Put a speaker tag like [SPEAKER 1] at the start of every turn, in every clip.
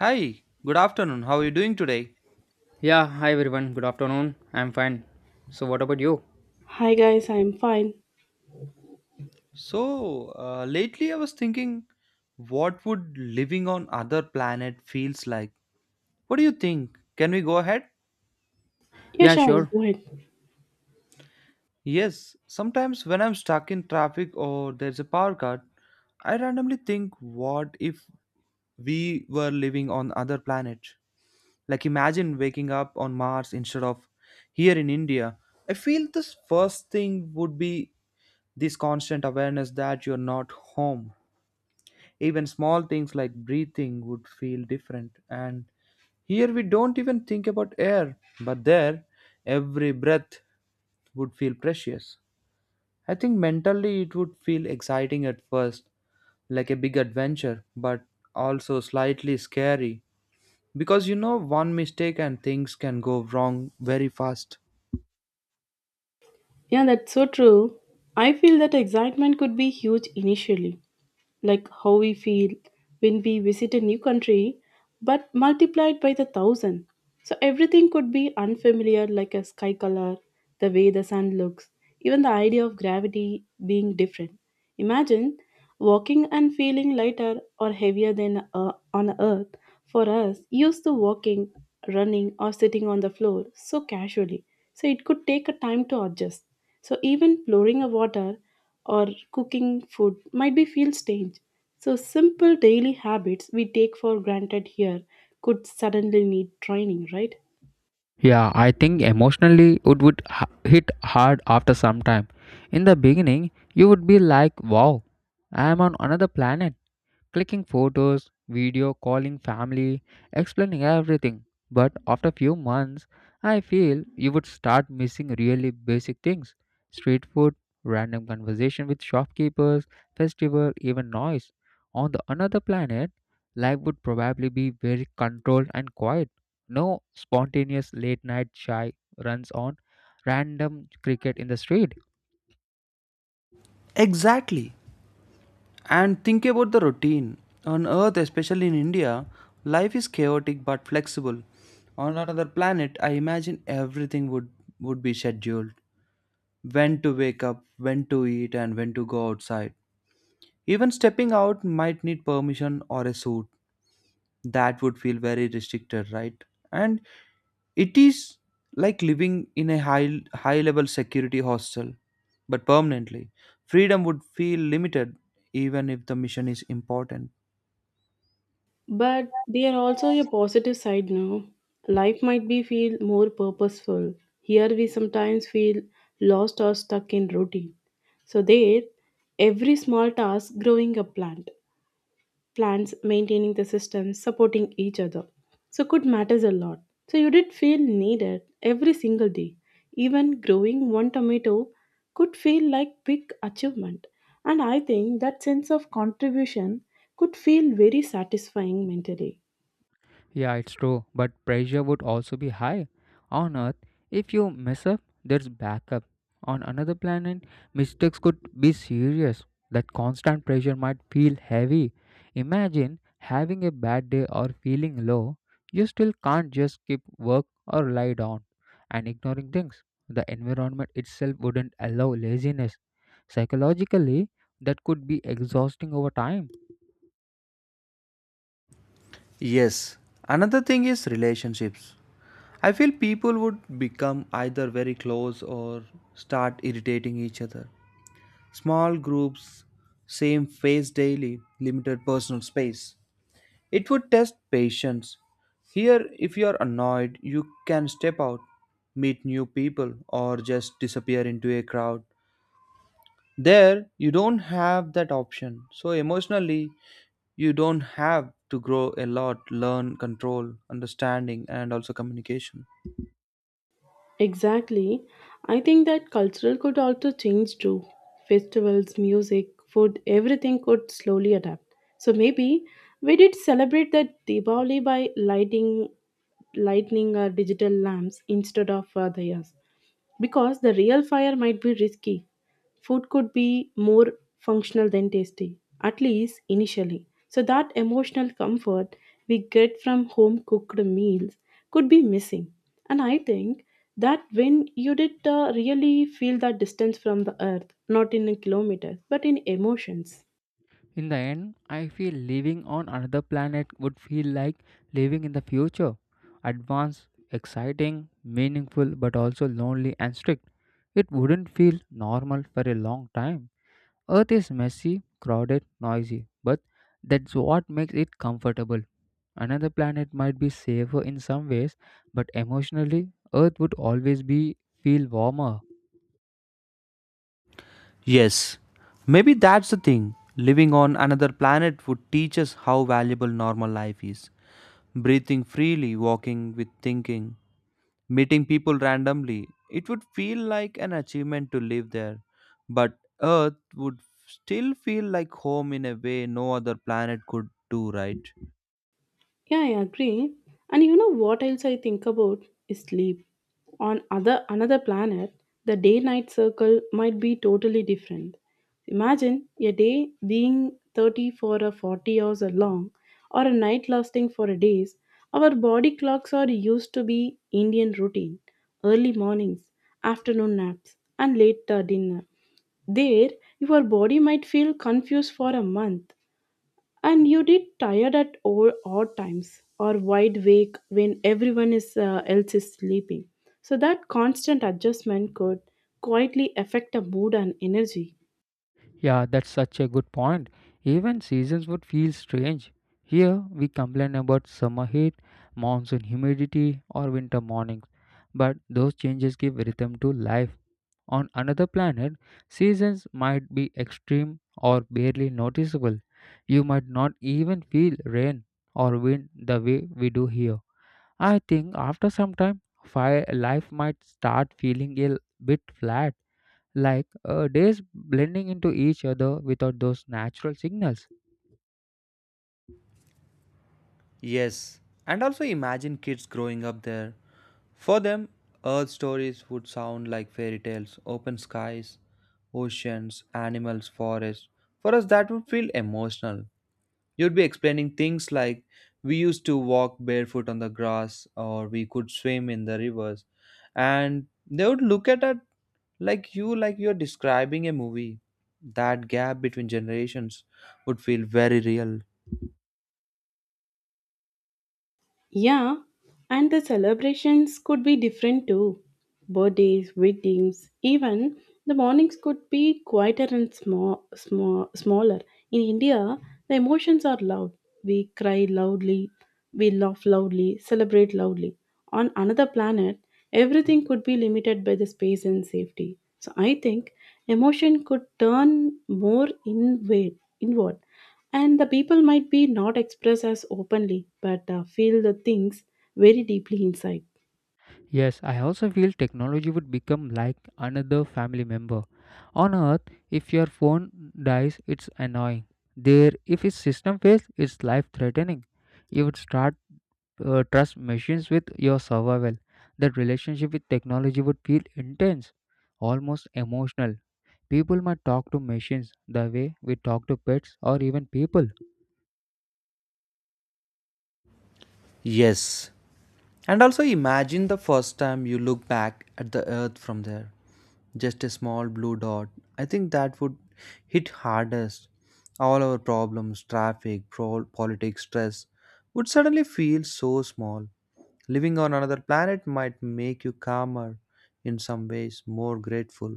[SPEAKER 1] Hi, good afternoon. How are you doing today?
[SPEAKER 2] Yeah, hi everyone. Good afternoon. I'm fine. So, what about you?
[SPEAKER 3] Hi guys, I'm fine.
[SPEAKER 1] Lately I was thinking, what would living on other planet feels like? What do you think? Can we go ahead?
[SPEAKER 3] Yeah,
[SPEAKER 2] Yeah,
[SPEAKER 3] sure,
[SPEAKER 2] sure.
[SPEAKER 3] go ahead.
[SPEAKER 1] Yes, sometimes when I'm stuck in traffic or there's a power cut, I randomly think, what if we were living on other planet? Like imagine waking up on Mars instead of here in India. I feel this first thing would be this constant awareness that you're not home. Even small things like breathing would feel different. And here we don't even think about air, but there, every breath would feel precious. I think mentally it would feel exciting at first, like a big adventure, but also slightly scary. Because you know, one mistake and things can go wrong very fast.
[SPEAKER 3] Yeah, that's so true. I feel that excitement could be huge initially, like how we feel when we visit a new country, but multiplied by the thousand. So everything could be unfamiliar, like a sky color, the way the sun looks, even the idea of gravity being different. Imagine walking and feeling lighter or heavier than on earth. For us, used to walking, running, or sitting on the floor so casually. So it could take a time to adjust. So even pouring a water or cooking food might be feel strange. So simple daily habits we take for granted here could suddenly need training, right?
[SPEAKER 2] Yeah, I think emotionally it would hit hard after some time. In the beginning, you would be like, wow, I am on another planet. Clicking photos, video, calling family, explaining everything. But after few months, I feel you would start missing really basic things, street food, random conversation with shopkeepers, festival, even noise. On the another planet, life would probably be very controlled and quiet. No spontaneous late night shy runs on random cricket in the street.
[SPEAKER 1] Exactly. And think about the routine. On Earth, especially in India, life is chaotic but flexible. On another planet, I imagine everything would be scheduled, when to wake up, when to eat, and when to go outside. Even stepping out might need permission or a suit. That would feel very restricted, right? And it is like living in a high level security hostel, but permanently. Freedom would feel limited even if the mission is important.
[SPEAKER 3] But they are also a positive side now. Life might be feel more purposeful. Here we sometimes feel lost or stuck in routine. So there, every small task growing a plant. Plants, maintaining the system, supporting each other. So could matters a lot. So you did feel needed every single day. Even growing one tomato could feel like big achievement. And I think that sense of contribution could feel very satisfying mentally.
[SPEAKER 2] Yeah, it's true, but pressure would also be high. On Earth, if you mess up, there's backup. On another planet, mistakes could be serious. That constant pressure might feel heavy. Imagine having a bad day or feeling low. You still can't just skip work or lie down and ignoring things. The environment itself wouldn't allow laziness. Psychologically, that could be exhausting over time.
[SPEAKER 1] Yes. Another thing is relationships. I feel people would become either very close or start irritating each other. Small groups, same face daily, limited personal space. It would test patience. Here, if you are annoyed, you can step out, meet new people, or just disappear into a crowd. There, you don't have that option. So, emotionally, you don't have to grow a lot, learn, control, understanding, and also communication.
[SPEAKER 3] Exactly. I think that cultural could also change too. Festivals, music, food, everything could slowly adapt. So maybe we did celebrate that Diwali by lighting lightning or digital lamps instead of dayas because the real fire might be risky. Food could be more functional than tasty, at least initially. So, that emotional comfort we get from home cooked meals could be missing. And I think that when you did really feel that distance from the earth, not in kilometers, but in emotions.
[SPEAKER 2] In the end, I feel living on another planet would feel like living in the future. Advanced, exciting, meaningful, but also lonely and strict. It wouldn't feel normal for a long time. Earth is messy, crowded, noisy, but that's what makes it comfortable. Another planet might be safer in some ways, but emotionally, Earth would always be feel warmer.
[SPEAKER 1] Yes, maybe that's the thing. Living on another planet would teach us how valuable normal life is. Breathing freely, walking with thinking, meeting people randomly, it would feel like an achievement to live there. But Earth would still feel like home in a way no other planet could do, right?
[SPEAKER 3] Yeah, I agree. And you know what else I think about is sleep. On other another planet, the day-night circle might be totally different. Imagine a day being 30 for a 40 hours or long, or a night lasting for a days. Our body clocks are used to be Indian routine, early mornings, afternoon naps, and late dinner. There, your body might feel confused for a month. And you did tired at all odd times or wide awake when everyone is, else is sleeping. So that constant adjustment could quietly affect the mood and energy.
[SPEAKER 2] Yeah, that's such a good point. Even seasons would feel strange. Here, we complain about summer heat, monsoon humidity, or winter mornings. But those changes give rhythm to life. On another planet, seasons might be extreme or barely noticeable. You might not even feel rain or wind the way we do here. I think after some time, fire life might start feeling a bit flat, like days blending into each other without those natural signals.
[SPEAKER 1] Yes, and also imagine kids growing up there. For them, Earth stories would sound like fairy tales, open skies, oceans, animals, forests. For us, that would feel emotional. You'd be explaining things like we used to walk barefoot on the grass or we could swim in the rivers. And they would look at it like you're describing a movie. That gap between generations would feel very real.
[SPEAKER 3] Yeah, and the celebrations could be different too. Birthdays, weddings, even the mornings could be quieter and smaller. In India, the emotions are loud. We cry loudly, we laugh loudly, celebrate loudly. On another planet, everything could be limited by the space and safety. So I think emotion could turn more inward, inward and the people might be not expressed as openly but feel the things very deeply inside,
[SPEAKER 2] Yes, I also feel technology would become like another family member. On Earth, if your phone dies, it's annoying. There, if its system fails, it's life threatening. You would start trust machines with your survival. That relationship with technology would feel intense, almost emotional. People might talk to machines the way we talk to pets or even people.
[SPEAKER 1] Yes, and also imagine the first time you look back at the earth from there. Just a small blue dot. I think that would hit hardest. All our problems, traffic, politics, stress would suddenly feel so small. Living on another planet might make you calmer, in some ways, more grateful.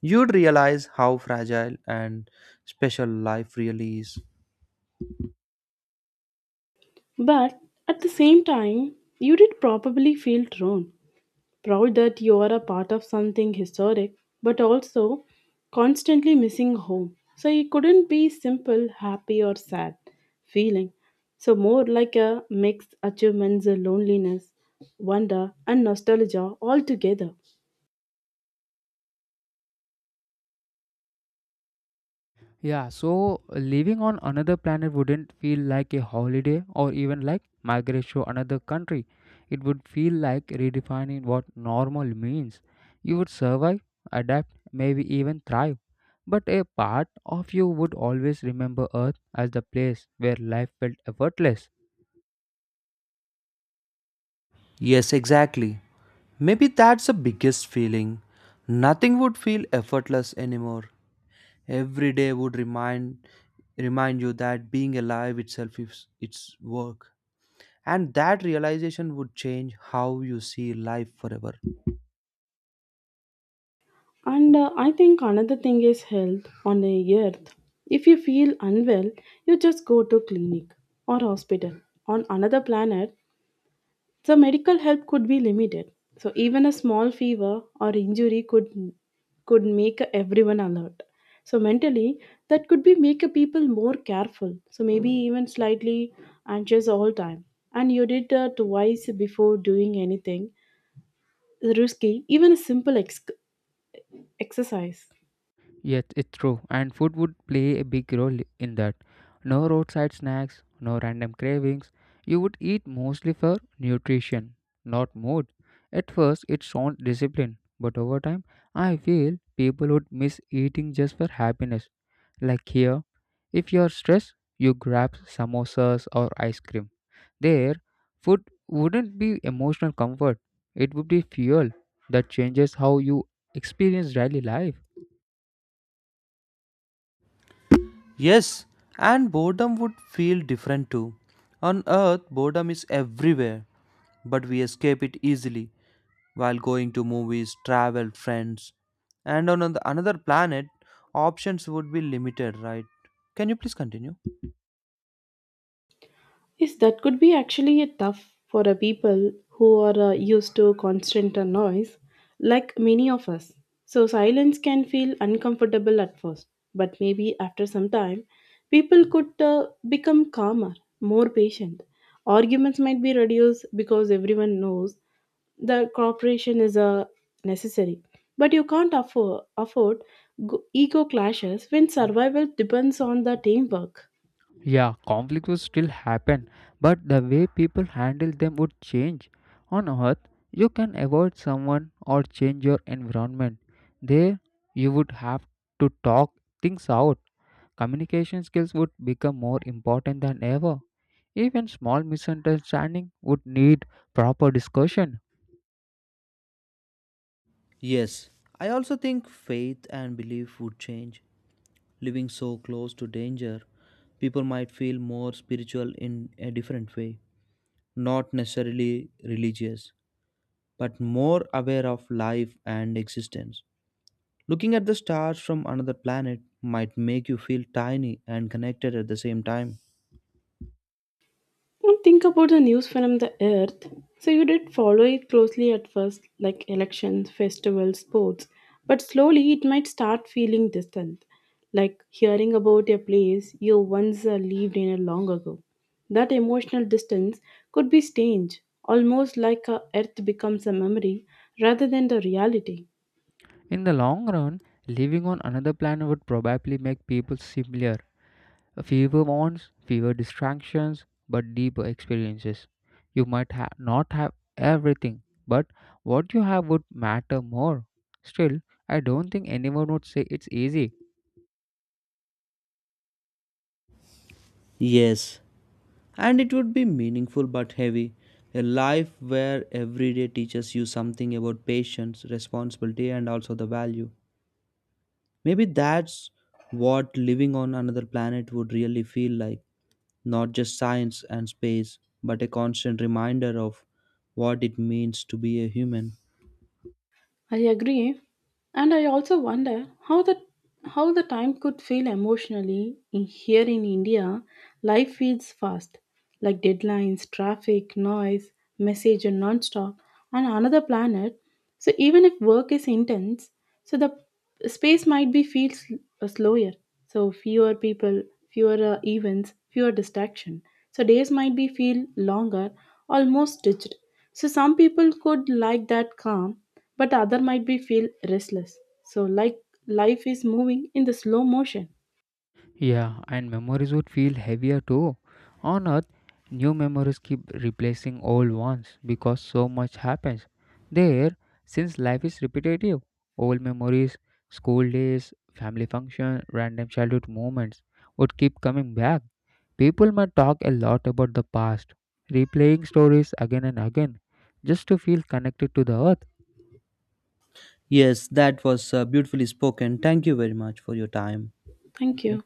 [SPEAKER 1] You'd realize how fragile and special life really is.
[SPEAKER 3] but at the same time you did probably feel thrown proud that you are a part of something historic, but also constantly missing home, so it couldn't be simple happy or sad feeling, so more like a mixed achievements, loneliness, wonder and nostalgia all together.
[SPEAKER 2] Yeah, so living on another planet wouldn't feel like a holiday or even like migration to another country. It would feel like redefining what normal means. You would survive, adapt, maybe even thrive. But a part of you would always remember Earth as the place where life felt effortless.
[SPEAKER 1] Yes, exactly. Maybe that's the biggest feeling. Nothing would feel effortless anymore. Every day would remind you that being alive itself is its work. And that realization would change how you see life forever.
[SPEAKER 3] And I think another thing is health on the earth. If you feel unwell, you just go to clinic or hospital. On another planet, the medical help could be limited. So even a small fever or injury could make everyone alert. So mentally, that could be make a people more careful. So maybe even slightly anxious all time. And you did twice before doing anything risky, even a exercise.
[SPEAKER 2] Yes, it's true, and food would play a big role in that. No roadside snacks, no random cravings. You would eat mostly for nutrition, not mood. At first, it sounds disciplined, but over time, I feel people would miss eating just for happiness. Like here, if you're stressed, you grab samosas or ice cream. There, food wouldn't be emotional comfort, it would be fuel that changes how you experience daily life.
[SPEAKER 1] Yes, and boredom would feel different too. On earth, boredom is everywhere, but we escape it easily, while going to movies, travel, friends, and another planet, options would be limited, right? Can you please continue?
[SPEAKER 3] Yes, that could be actually a tough for a people who are used to constant noise, like many of us. So silence can feel uncomfortable at first, but maybe after some time, people could become calmer, more patient. Arguments might be reduced because everyone knows the cooperation is necessary. But you can't afford ego clashes when survival depends on the teamwork.
[SPEAKER 2] Yeah, conflict will still happen, but the way people handle them would change. On Earth, you can avoid someone or change your environment. There, you would have to talk things out. Communication skills would become more important than ever. Even small misunderstanding would need proper discussion.
[SPEAKER 1] Yes, I also think faith and belief would change. Living so close to danger, people might feel more spiritual in a different way. Not necessarily religious, but more aware of life and existence. Looking at the stars from another planet might make you feel tiny and connected at the same time.
[SPEAKER 3] Now think about the news from the earth. So you did follow it closely at first, like elections, festivals, sports, but slowly it might start feeling distant, like hearing about a place you once lived in a long ago. That emotional distance could be strange, almost like a earth becomes a memory rather than the reality.
[SPEAKER 2] In the long run, living on another planet would probably make people simpler. Fewer wants, fewer distractions, but deeper experiences. You might not have everything, but what you have would matter more. Still, I don't think anyone would say it's easy.
[SPEAKER 1] Yes, and it would be meaningful but heavy. A life where every day teaches you something about patience, responsibility, and also the value. Maybe that's what living on another planet would really feel like, not just science and space, but a constant reminder of what it means to be a human.
[SPEAKER 3] I agree. And I also wonder how the time could feel emotionally in here in India. Life feels fast, like deadlines, traffic, noise, message and non-stop, and another planet. So even if work is intense, so the space might be feels slower, so fewer people, fewer events, fewer distraction, so days might be feel longer, almost digit, so some people could like that calm, but other might be feel restless, so like life is moving in the slow motion.
[SPEAKER 2] Yeah, and memories would feel heavier too. On Earth, new memories keep replacing old ones because so much happens. There, since life is repetitive, old memories, school days, family function, random childhood moments would keep coming back. People might talk a lot about the past, replaying stories again and again, just to feel connected to the earth.
[SPEAKER 1] Yes, that was beautifully spoken. Thank you very much for your time.
[SPEAKER 2] Thank
[SPEAKER 3] Thank
[SPEAKER 2] you.
[SPEAKER 3] you.